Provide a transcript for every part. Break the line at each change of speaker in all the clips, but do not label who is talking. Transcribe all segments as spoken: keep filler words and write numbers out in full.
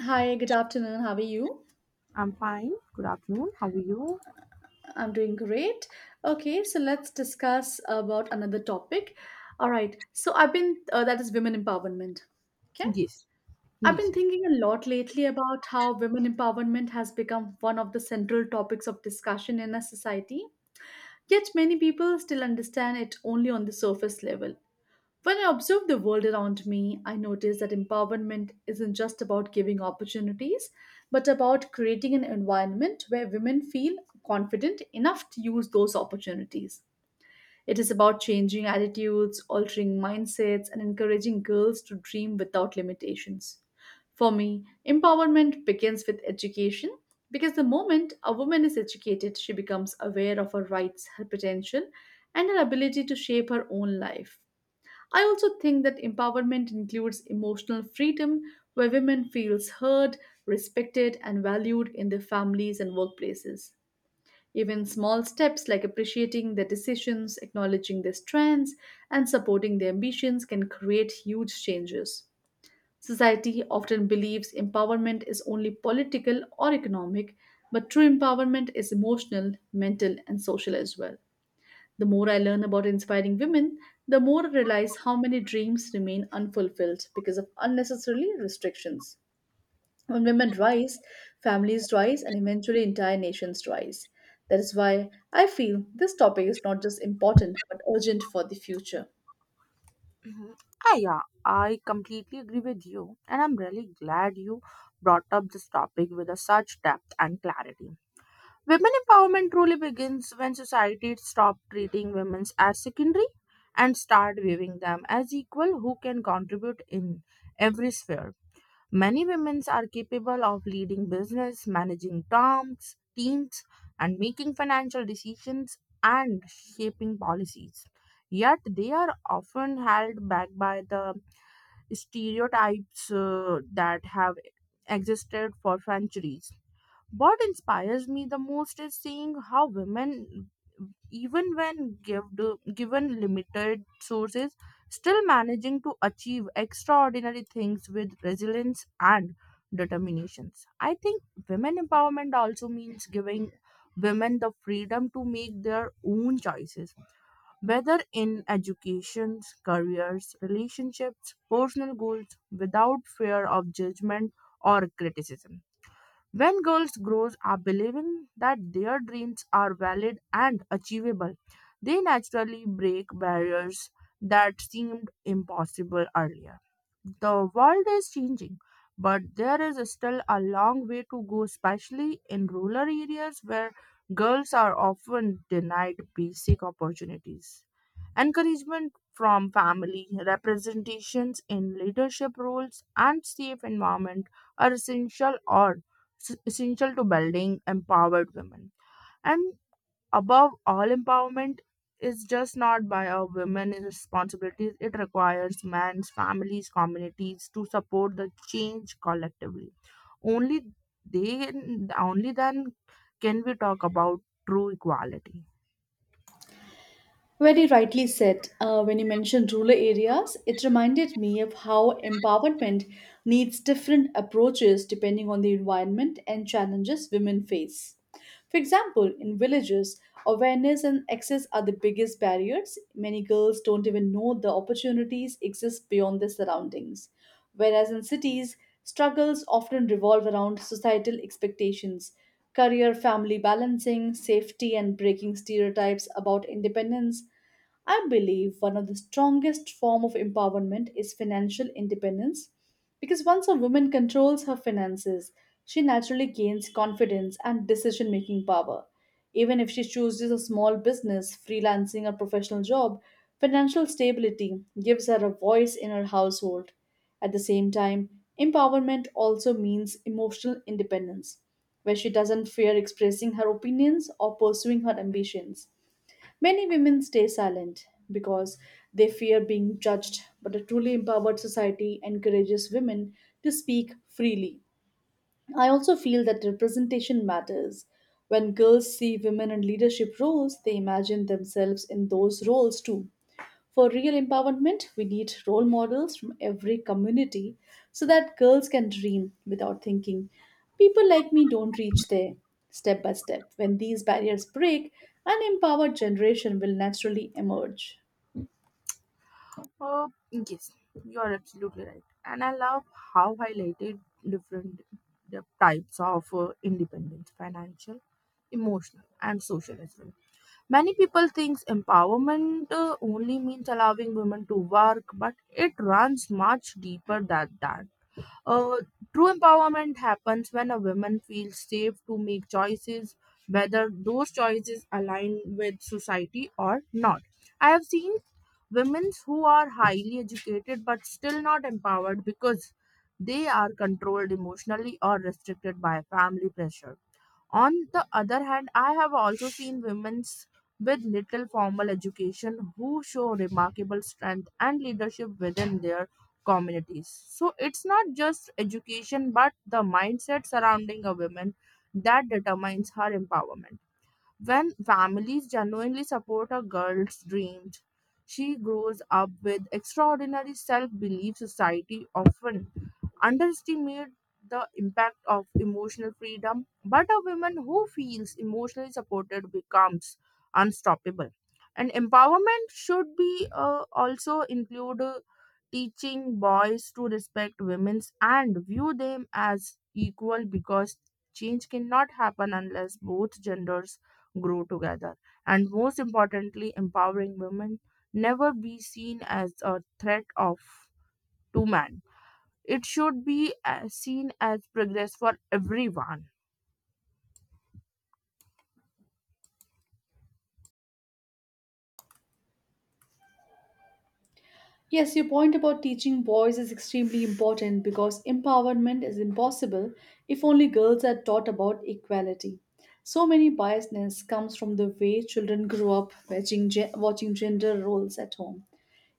Hi, good afternoon. How are you?
I'm fine. Good afternoon. How are you?
I'm doing great. Okay, so let's discuss about another topic. All right. So I've been uh, that is women empowerment. Okay.
Yes,
I've
yes,
been
yes.
thinking a lot lately about how women empowerment has become one of the central topics of discussion in our society. Yet many people still understand it only on the surface level. When I observe the world around me, I notice that empowerment isn't just about giving opportunities, but about creating an environment where women feel confident enough to use those opportunities. It is about changing attitudes, altering mindsets, and encouraging girls to dream without limitations. For me, empowerment begins with education because the moment a woman is educated, she becomes aware of her rights, her potential, and her ability to shape her own life. I also think that empowerment includes emotional freedom where women feels heard, respected and valued in their families and workplaces. Even small steps like appreciating their decisions, acknowledging their strengths and supporting their ambitions can create huge changes. Society often believes empowerment is only political or economic, but true empowerment is emotional, mental and social as well. The more I learn about inspiring women, the more I realize how many dreams remain unfulfilled because of unnecessarily restrictions. When women rise, families rise, and eventually entire nations rise. That is why I feel this topic is not just important but urgent for the future.
hmm Ah, yeah, I completely agree with you, and I'm really glad you brought up this topic with a such depth and clarity. Women empowerment truly begins when society stops treating women as secondary and start viewing them as equal who can contribute in every sphere. Many women are capable of leading business, managing terms, teams, and making financial decisions and shaping policies. Yet they are often held back by the stereotypes uh, that have existed for centuries. What inspires me the most is seeing how women even when gived- given limited sources, still managing to achieve extraordinary things with resilience and determinations. I think women empowerment also means giving women the freedom to make their own choices, whether in education, careers, relationships, personal goals, without fear of judgment or criticism. When girls grow up believing that their dreams are valid and achievable, they naturally break barriers that seemed impossible earlier. The world is changing, but there is still a long way to go, especially in rural areas where girls are often denied basic opportunities. Encouragement from family, representations in leadership roles, and safe environment are essential or s- essential to building empowered women. And above all, empowerment is just not by a woman's responsibilities. It requires men's, families, communities to support the change collectively. Only they, only then can we talk about true equality.
Very rightly said. Uh, when you mentioned rural areas, it reminded me of how empowerment needs different approaches depending on the environment and challenges women face. For example, in villages, awareness and access are the biggest barriers. Many girls don't even know the opportunities exist beyond their surroundings. Whereas in cities, struggles often revolve around societal expectations, career family balancing, safety, and breaking stereotypes about independence. I believe one of the strongest form of empowerment is financial independence because once a woman controls her finances, she naturally gains confidence and decision making power. Even if she chooses a small business, freelancing, or professional job, financial stability gives her a voice in her household. At the same time, empowerment also means emotional independence, where she doesn't fear expressing her opinions or pursuing her ambitions. Many women stay silent because they fear being judged, but a truly empowered society encourages women to speak freely. I also feel that representation matters. When girls see women in leadership roles, they imagine themselves in those roles too. For real empowerment, we need role models from every community so that girls can dream without thinking. People like me don't reach there. Step by step, when these barriers break, an empowered generation will naturally emerge.
Oh, yes, you are absolutely right. And I love how highlighted different the types of uh, independence financial, emotional, and social as well. Many people think empowerment uh, only means allowing women to work, but it runs much deeper than that. Uh, true empowerment happens when a woman feels safe to make choices, whether those choices align with society or not. I have seen women who are highly educated but still not empowered because they are controlled emotionally or restricted by family pressure. On the other hand, I have also seen women with little formal education who show remarkable strength and leadership within their communities. So it's not just education but the mindset surrounding a woman that determines her empowerment. When families genuinely support a girl's dreams, she grows up with extraordinary self belief. Society often underestimate the impact of emotional freedom, but a woman who feels emotionally supported becomes unstoppable. And empowerment should be uh, also include uh, teaching boys to respect women's and view them as equal because change cannot happen unless both genders grow together. And most importantly, empowering women never be seen as a threat of to man. It should be uh, seen as progress for everyone.
Yes, your point about teaching boys is extremely important because empowerment is impossible if only girls are taught about equality. So many biasness comes from the way children grow up watching, ge- watching gender roles at home.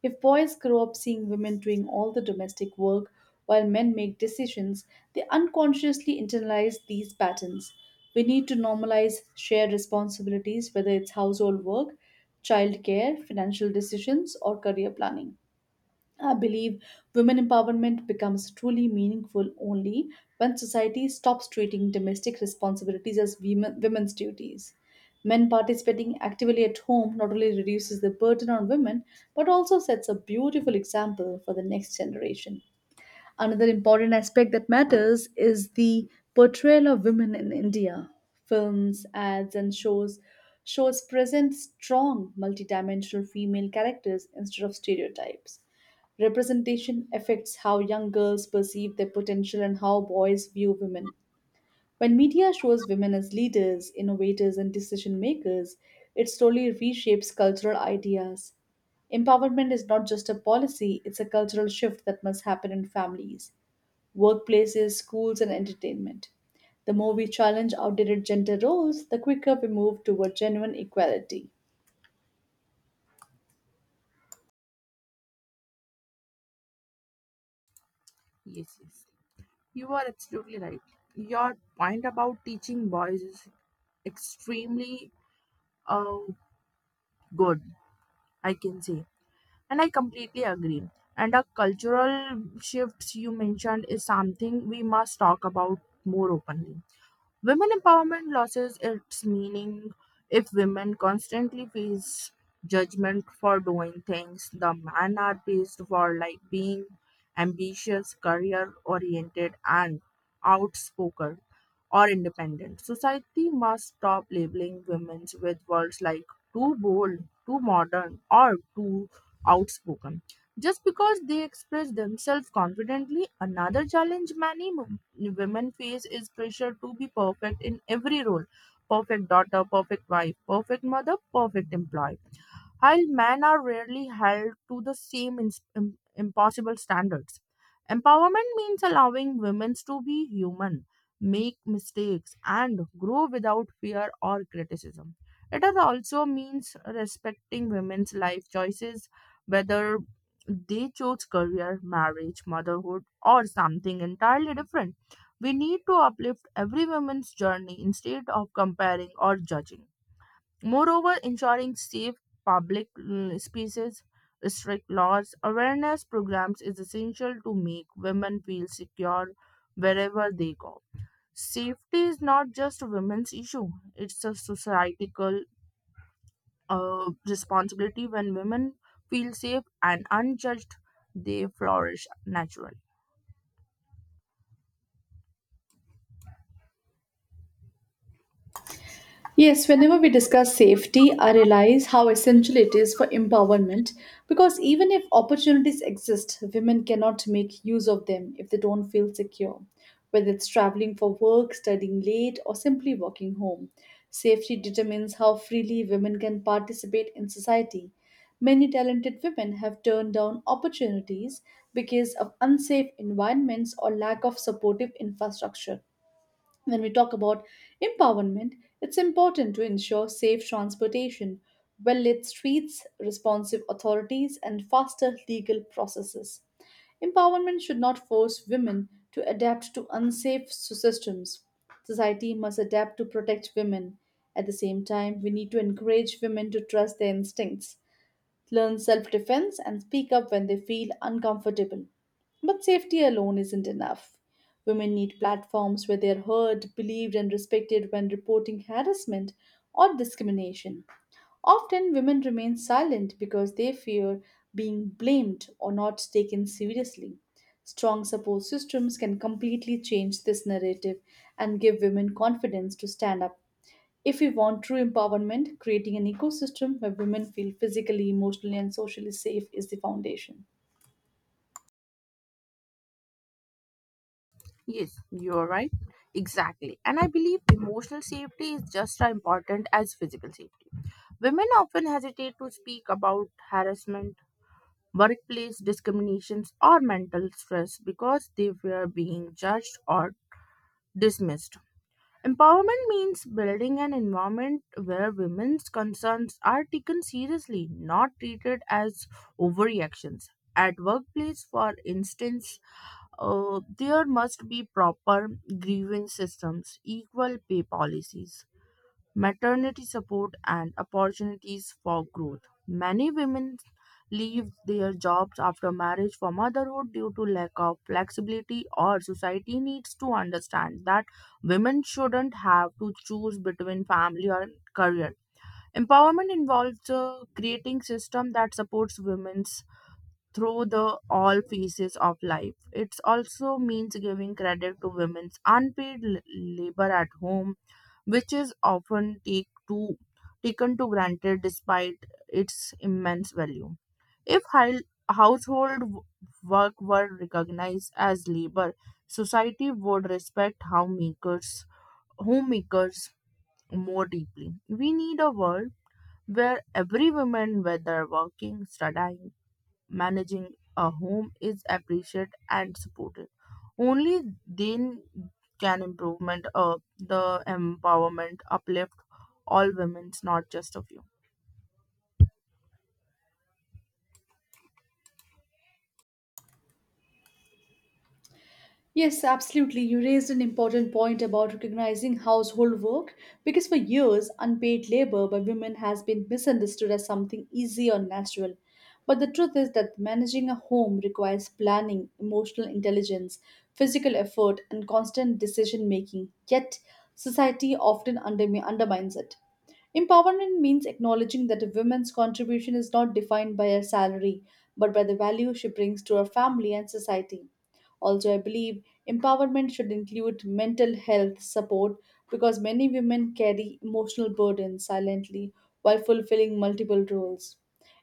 If boys grow up seeing women doing all the domestic work while men make decisions, they unconsciously internalize these patterns. We need to normalize shared responsibilities, whether it's household work, childcare, financial decisions, or career planning. I believe women empowerment becomes truly meaningful only when society stops treating domestic responsibilities as women, women's duties. Men participating actively at home not only reduces the burden on women but also sets a beautiful example for the next generation. Another important aspect that matters is the portrayal of women in India. Films, ads, and shows shows present strong multidimensional female characters instead of stereotypes. Representation affects how young girls perceive their potential and how boys view women. When media shows women as leaders, innovators, and decision makers, it slowly reshapes cultural ideas. Empowerment is not just a policy, it's a cultural shift that must happen in families workplaces, schools, and entertainment. The more we challenge outdated gender roles, the quicker we move toward genuine equality.
Yes, yes. You are absolutely right. Your point about teaching boys is extremely uh, good, I can say. And I completely agree. And the cultural shifts you mentioned is something we must talk about more openly. Women empowerment loses its meaning if women constantly face judgment for doing things the men are praised for, like being ambitious, career oriented and outspoken or independent. Society must stop labeling women with words like too bold, too modern or too outspoken. Just because they express themselves confidently, another challenge many mo- women face is pressure to be perfect in every role: perfect daughter, perfect wife, perfect mother, perfect employee. While men are rarely held to the same ins- im- impossible standards, empowerment means allowing women to be human, make mistakes, and grow without fear or criticism. It is also means respecting women's life choices, whether they chose career, marriage, motherhood, or something entirely different. We need to uplift every woman's journey instead of comparing or judging. Moreover, ensuring safe public mm, spaces, strict laws, awareness programs is essential to make women feel secure wherever they go. Safety is not just a women's issue, it's a societal uh, responsibility. When women feel safe and unjudged, they flourish naturally.
Yes, whenever we discuss safety, I realize how essential it is for empowerment because even if opportunities exist, women cannot make use of them if they don't feel secure, whether it's traveling for work, studying late, or simply walking home. Safety determines how freely women can participate in society. Many talented women have turned down opportunities because of unsafe environments or lack of supportive infrastructure. When we talk about empowerment, it's important to ensure safe transportation, well lit streets, responsive authorities, and faster legal processes. Empowerment should not force women to adapt to unsafe s- systems. Society must adapt to protect women. At the same time, we need to encourage women to trust their instincts learn self defense, and speak up when they feel uncomfortable. But safety alone isn't enough. Women need platforms where they are heard, believed, and respected when reporting harassment or discrimination. Often, women remain silent because they fear being blamed or not taken seriously. Strong support systems can completely change this narrative and give women confidence to stand up if we want true empowerment, creating an ecosystem where women feel physically, emotionally, and socially safe is the foundation.
Yes, you're right. Exactly. And I believe emotional safety is just as important as physical safety. Women often hesitate to speak about harassment, workplace discriminations, or mental stress because they fear being judged or dismissed. Empowerment means building an environment where women's concerns are taken seriously, not treated as overreactions. At workplace, for instance, uh, there must be proper grievance systems, equal pay policies, maternity support, and opportunities for growth. Many women leave their jobs after marriage for motherhood due to lack of flexibility or society needs to understand that women shouldn't have to choose between family or career. Empowerment involves uh, creating system that supports women through the all phases of life. It also means giving credit to women's unpaid l- labor at home, which is often take to, taken to granted despite its immense value. If hi- household w- work were recognized as labor, society would respect homemakers, homemakers more deeply. We need a world where every woman, whether working, studying, managing a home is appreciated and supported. Only then can improvement uh, the empowerment uplift all women, not just a few.
Yes, absolutely. You raised an important point about recognizing household work because for years, unpaid labor by women has been misunderstood as something easy or natural. But the truth is that managing a home requires planning, emotional intelligence, physical effort, and constant decision making. Yet, society often undermi- undermines it. Empowerment means acknowledging that a woman's contribution is not defined by her salary, but by the value she brings to her family and society. Also, I believe empowerment should include mental health support because many women carry emotional burdens silently while fulfilling multiple roles.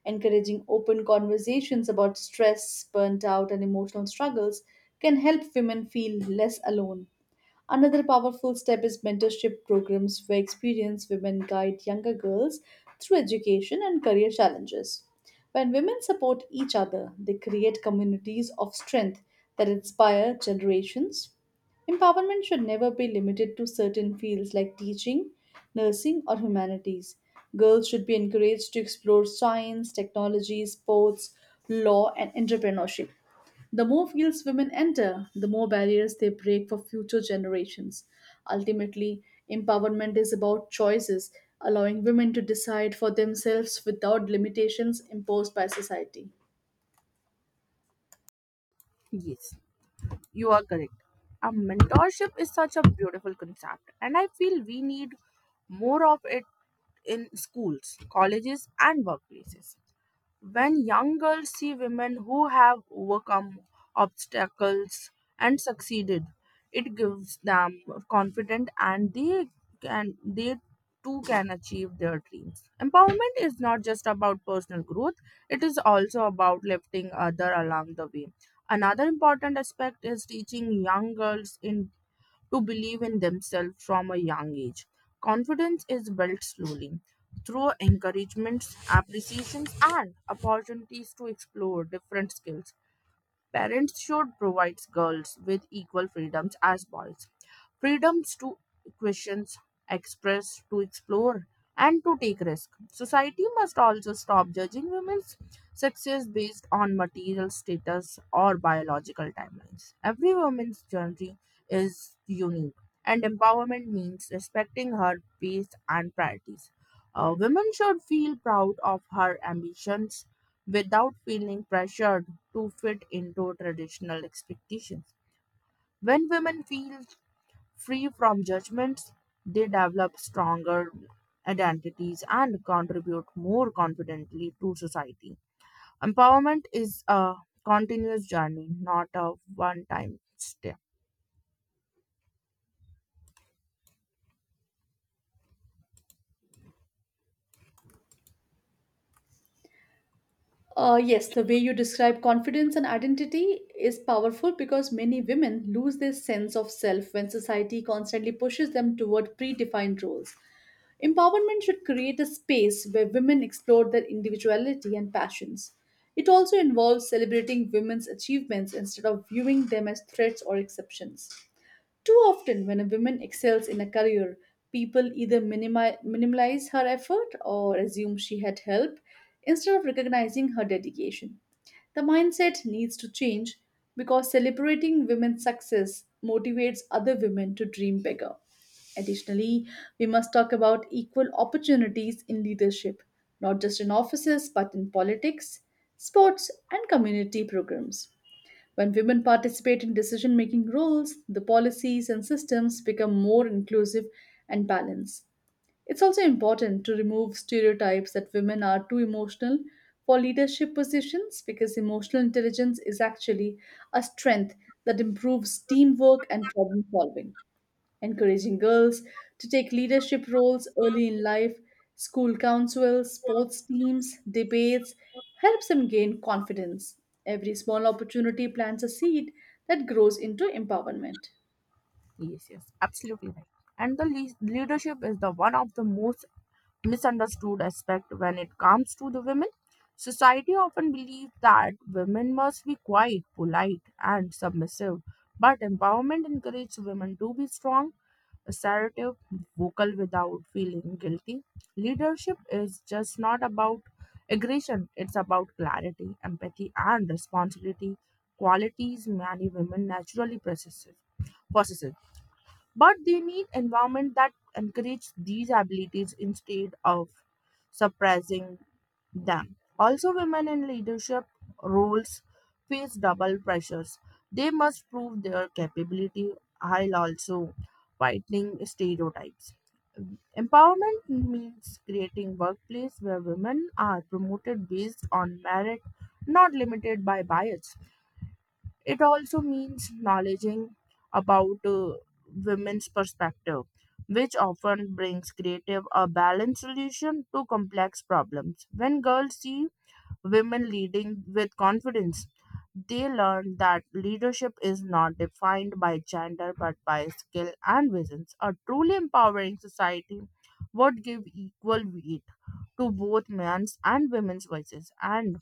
Encouraging open conversations about stress, burnt out, and emotional struggles can help women feel less alone. Another powerful step is mentorship programs where experienced women guide younger girls through education and career challenges. When women support each other, they create communities of strength that inspire generations. Empowerment should never be limited to certain fields like teaching, nursing, or humanities. Girls should be encouraged to explore science, technology, sports, law, and entrepreneurship. The more fields women enter, the more barriers they break for future generations. Ultimately, empowerment is about choices, allowing women to decide for themselves without limitations imposed by society.
Yes, you are correct. A mentorship is such a beautiful concept, and I feel we need more of it in schools, colleges, and workplaces. When young girls see women who have overcome obstacles and succeeded, it gives them confidence and they can they too can achieve their dreams. Empowerment is not just about personal growth, it is also about lifting other along the way. Another important aspect is teaching young girls in to believe in themselves from a young age. Confidence is built slowly through encouragements, appreciations, and opportunities to explore different skills. Parents should provide girls with equal freedoms as boys. Freedoms to question, express, to explore, and to take risk. Society must also stop judging women's success based on material status or biological timelines. Every woman's journey is unique, and empowerment means respecting her pace and priorities. A woman should feel proud of her ambitions without feeling pressured to fit into traditional expectations. When women feel free from judgments, they develop stronger identities and contribute more confidently to society. Empowerment is a continuous journey, not a one time step.
Uh, yes, the way you describe confidence and identity is powerful because many women lose their sense of self when society constantly pushes them toward predefined roles. Empowerment should create a space where women explore their individuality and passions. It also involves celebrating women's achievements instead of viewing them as threats or exceptions. Too often, when a woman excels in a career, people either minimi- minimize her effort or assume she had help instead of recognizing her dedication. The mindset needs to change because celebrating women's success motivates other women to dream bigger. Additionally, we must talk about equal opportunities in leadership, not just in offices but in politics, sports, and community programs. When women participate in decision making roles, the policies and systems become more inclusive and balanced. It's also important to remove stereotypes that women are too emotional for leadership positions because emotional intelligence is actually a strength that improves teamwork and problem solving encouraging girls to take leadership roles early in life, school councils, sports teams, debates, helps them gain confidence. Every small opportunity plants a seed that grows into empowerment.
Yes, yes, absolutely right. And the le- leadership is the one of the most misunderstood aspect when it comes to the women. Society often believes that women must be quiet, polite, and submissive, but empowerment encourages women to be strong, assertive, vocal without feeling guilty. Leadership is just not about aggression, it's about clarity, empathy, and responsibility, qualities many women naturally possess. possess but they need environment that encourage these abilities instead of suppressing them. Also women in leadership roles face double pressures. They must prove their capability while also fighting stereotypes. Empowerment means creating workplace where women are promoted based on merit, not limited by bias. It also means knowledging about uh, women's perspective, which often brings creative or balanced solution to complex problems. When girls see women leading with confidence, they learn that leadership is not defined by gender but by skill and visions. A truly empowering society would give equal weight to both men's and women's voices, and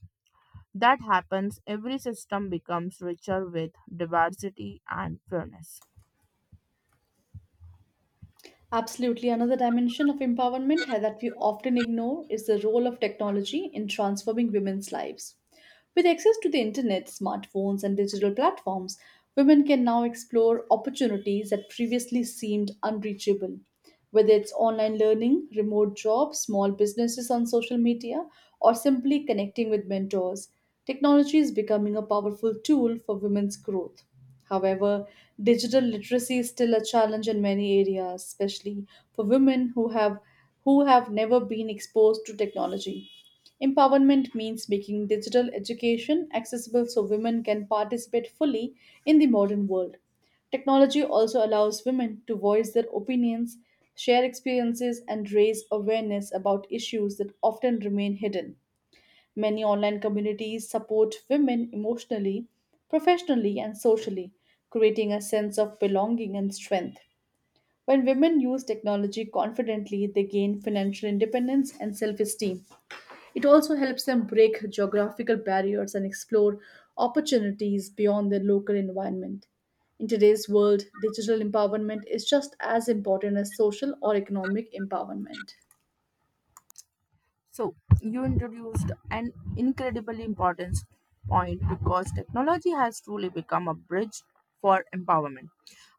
that happens every system becomes richer with diversity and fairness.
Absolutely, another dimension of empowerment ha- that we often ignore is the role of technology in transforming women's lives. With access to the internet, smartphones, and digital platforms, women can now explore opportunities that previously seemed unreachable. Whether it's online learning, remote jobs, small businesses on social media, or simply connecting with mentors, technology is becoming a powerful tool for women's growth. However, digital literacy is still a challenge in many areas, especially for women who have who have never been exposed to technology. Empowerment means making digital education accessible so women can participate fully in the modern world. Technology also allows women to voice their opinions, share experiences, and raise awareness about issues that often remain hidden. Many online communities support women emotionally, professionally, and socially, creating a sense of belonging and strength. When women use technology confidently, they gain financial independence and self esteem. It also helps them break geographical barriers and explore opportunities beyond their local environment. In today's world, digital empowerment is just as important as social or economic empowerment.
So, you introduced an incredibly important point because technology has truly become a bridge for empowerment.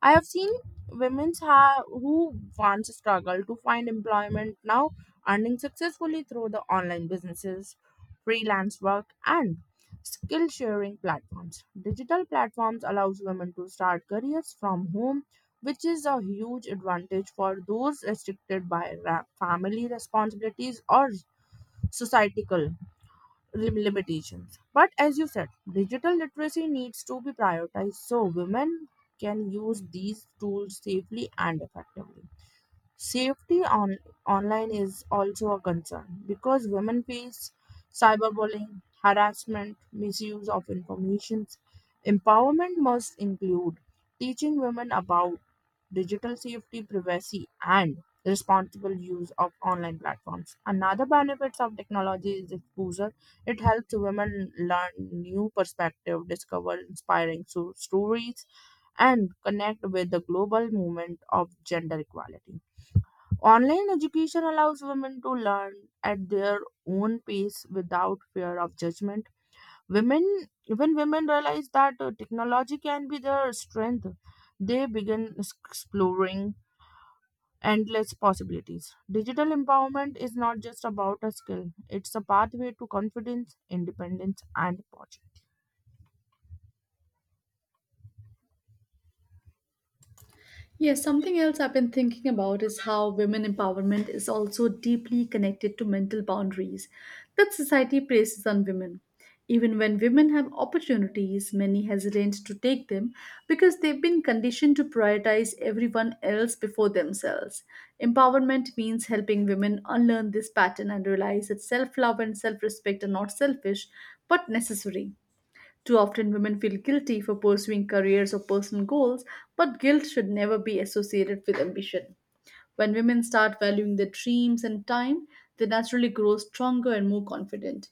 I have seen women ha- who once struggled to find employment now earning successfully through the online businesses, freelance work, and skill sharing platforms. Digital platforms allows women to start careers from home, which is a huge advantage for those restricted by ra- family responsibilities or societal lim- limitations. But as you said, digital literacy needs to be prioritized so women can use these tools safely and effectively. Safety on online is also a concern because women face cyberbullying, harassment, misuse of information. Empowerment must include teaching women about digital safety, privacy, and responsible use of online platforms. Another benefits of technology is exposure. It helps women learn new perspective, discover inspiring so- stories, and connect with the global movement of gender equality. Online education allows women to learn at their own pace without fear of judgment. Women, when women realize that uh, technology can be their strength, they begin s- exploring endless possibilities. Digital empowerment is not just about a skill; it's a pathway to confidence, independence, and
Yes, something else I've been thinking about is how women empowerment is also deeply connected to mental boundaries that society places on women. Even when women have opportunities, many hesitate to take them because they've been conditioned to prioritize everyone else before themselves. Empowerment means helping women unlearn this pattern and realize that self love and self respect are not selfish but necessary. Too often, women feel guilty for pursuing careers or personal goals, but guilt should never be associated with ambition. When women start valuing their dreams and time, they naturally grow stronger and more confident.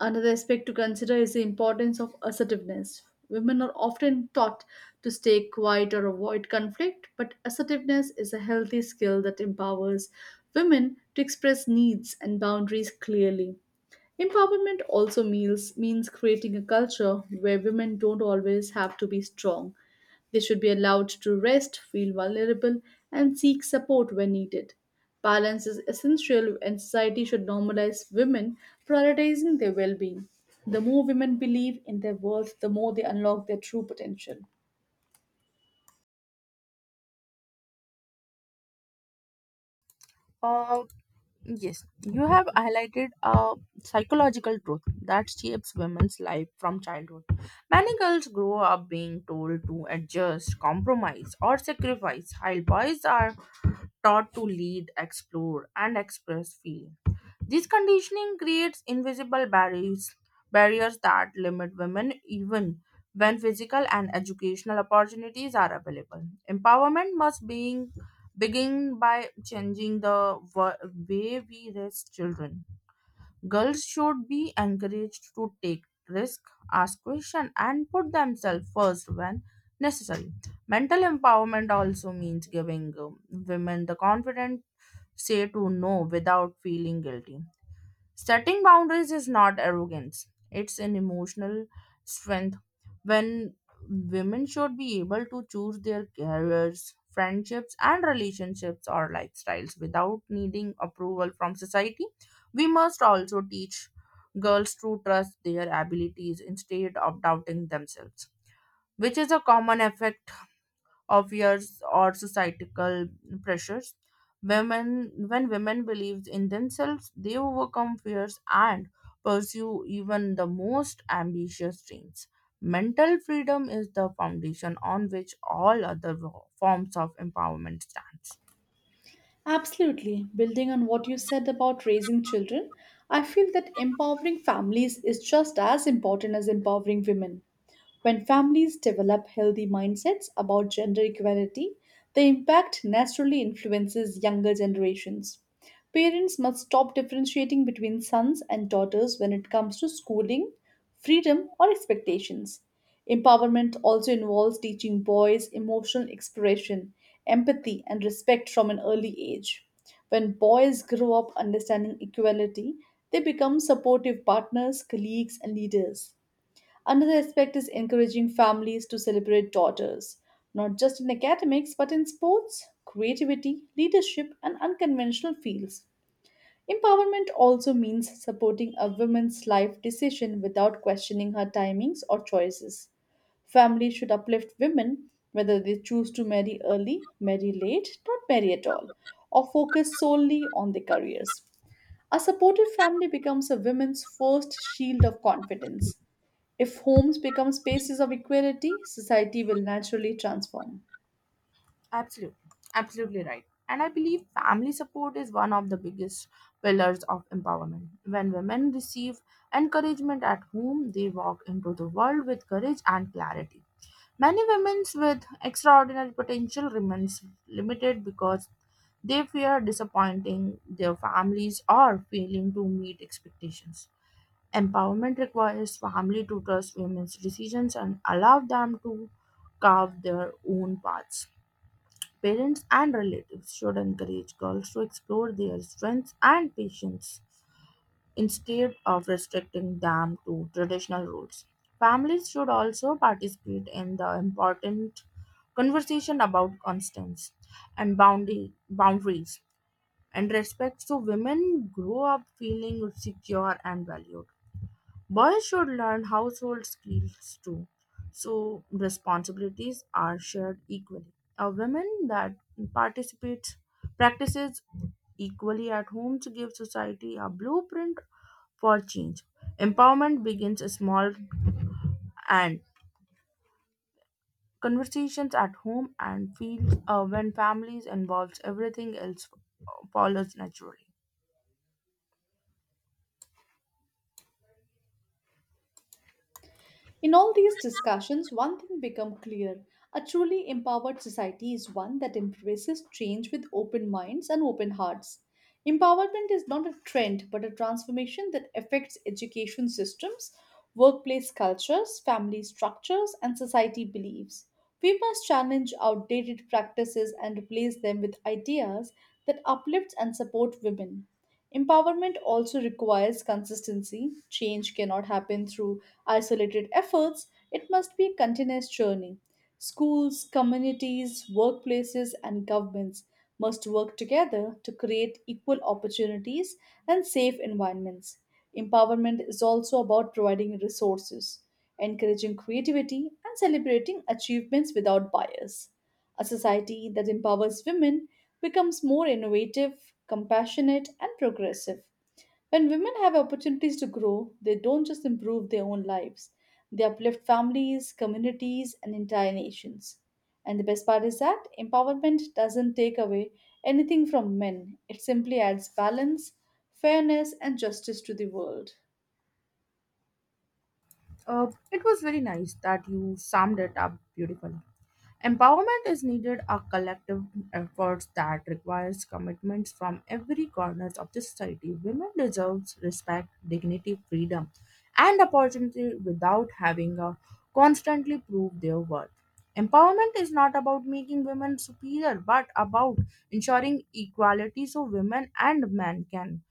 Another aspect to consider is the importance of assertiveness. Women are often taught to stay quiet or avoid conflict, but assertiveness is a healthy skill that empowers women to express needs and boundaries clearly. Empowerment also means, means creating a culture where women don't always have to be strong. They should be allowed to rest, feel vulnerable, and seek support when needed. Balance is essential, and society should normalize women prioritizing their well being. The more women believe in their worth, the more they unlock their true potential.
opportunity. Yes, you have highlighted a psychological truth that shapes women's life from childhood. Many girls grow up being told to adjust, compromise, or sacrifice, while boys are taught to lead, explore, and express feelings. This conditioning creates invisible barriers, barriers that limit women even when physical and educational opportunities are available. Empowerment must being, begin by changing the wa- way we raise children. Girls should be encouraged to take risk, ask questions, and put themselves first when necessary. Mental empowerment also means giving um, women the confidence say to no without feeling guilty. Setting boundaries is not arrogance, it's an emotional strength. When women should be able to choose their careers, friendships, and relationships or lifestyles without needing approval from society, we must also teach girls to trust their abilities instead of doubting themselves, which is a common effect obvious or societal pressures. Women, when women believe in themselves, they overcome fears and pursue even the most ambitious dreams. Mental freedom is the foundation on which all other forms of empowerment stands.
Absolutely. Building on what you said about raising children, I feel that empowering families is just as important as empowering women. When families develop healthy mindsets about gender equality, the impact naturally influences younger generations. Parents must stop differentiating between sons and daughters when it comes to schooling, freedom, or expectations. Empowerment also involves teaching boys emotional expression, empathy, and respect from an early age. When boys grow up understanding equality, they become supportive partners, colleagues, and leaders. Another aspect is encouraging families to celebrate daughters, not just in academics, but in sports, creativity, leadership, and unconventional fields. Empowerment also means supporting a woman's life decision without questioning her timings or choices. Families should uplift women, whether they choose to marry early, marry late, not marry at all, or focus solely on their careers. A supportive family becomes a woman's first shield of confidence. If homes become spaces of equality, society will naturally transform.
Absolutely, absolutely right. And I believe family support is one of the biggest pillars of empowerment. When women receive encouragement at home, they walk into the world with courage and clarity. Many women with extraordinary potential remains limited because they fear disappointing their families or failing to meet expectations. Empowerment requires family to trust women's decisions and allow them to carve their own paths. Parents and relatives should encourage girls to explore their strengths and passions instead of restricting them to traditional roles. Families should also participate in the important conversation about constants and boundary, boundaries and respect so women grow up feeling secure and valued. Boys should learn household skills too, so responsibilities are shared equally. A woman that participates practices equally at home to give society a blueprint for change. Empowerment begins small and conversations at home and fields uh, when families involves everything else uh, follows naturally.
In all these discussions, one thing becomes clear. A truly empowered society is one that embraces change with open minds and open hearts. Empowerment is not a trend but a transformation that affects education systems, workplace cultures, family structures, and society beliefs. We must challenge outdated practices and replace them with ideas that uplift and support women. Empowerment also requires consistency. Change cannot happen through isolated efforts, it must be a continuous journey. Schools, communities, workplaces, and governments must work together to create equal opportunities and safe environments. Empowerment is also about providing resources, encouraging creativity, and celebrating achievements without bias. A society that empowers women becomes more innovative, compassionate, and progressive. When women have opportunities to grow, they don't just improve their own lives, they uplift families, communities, and entire nations. And the best part is that empowerment doesn't take away anything from men, it simply adds balance, fairness, and justice to the world.
Uh, it was very nice that you summed it up beautifully. Empowerment is needed a collective effort that requires commitments from every corner of the society. Women deserve respect, dignity, freedom, and opportunity without having to constantly prove their worth. Empowerment is not about making women superior, but about ensuring equality so women and men can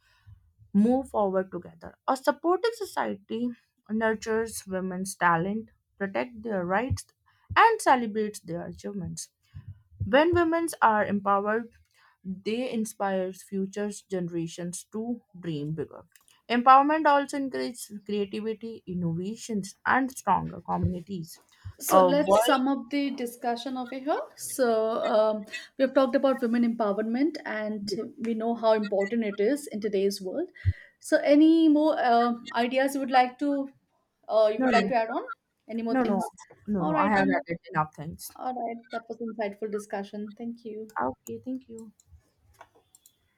move forward together. A supportive society nurtures women's talent, protects their rights, and celebrates their achievements. When women are empowered, they inspire future generations to dream bigger. Empowerment also encourages creativity, innovations, and stronger communities.
So
A
let's
world.
sum up the discussion over here. So um, we've talked about women empowerment, and we know how important it is in today's world. So, any more uh, ideas you would like to uh, you
No,
would
no,
like to add on? Any more
no, no,
things?
no,
All
no. I
right
have
then.
added enough things.
All right, that was insightful discussion. Thank you.
Okay, thank you.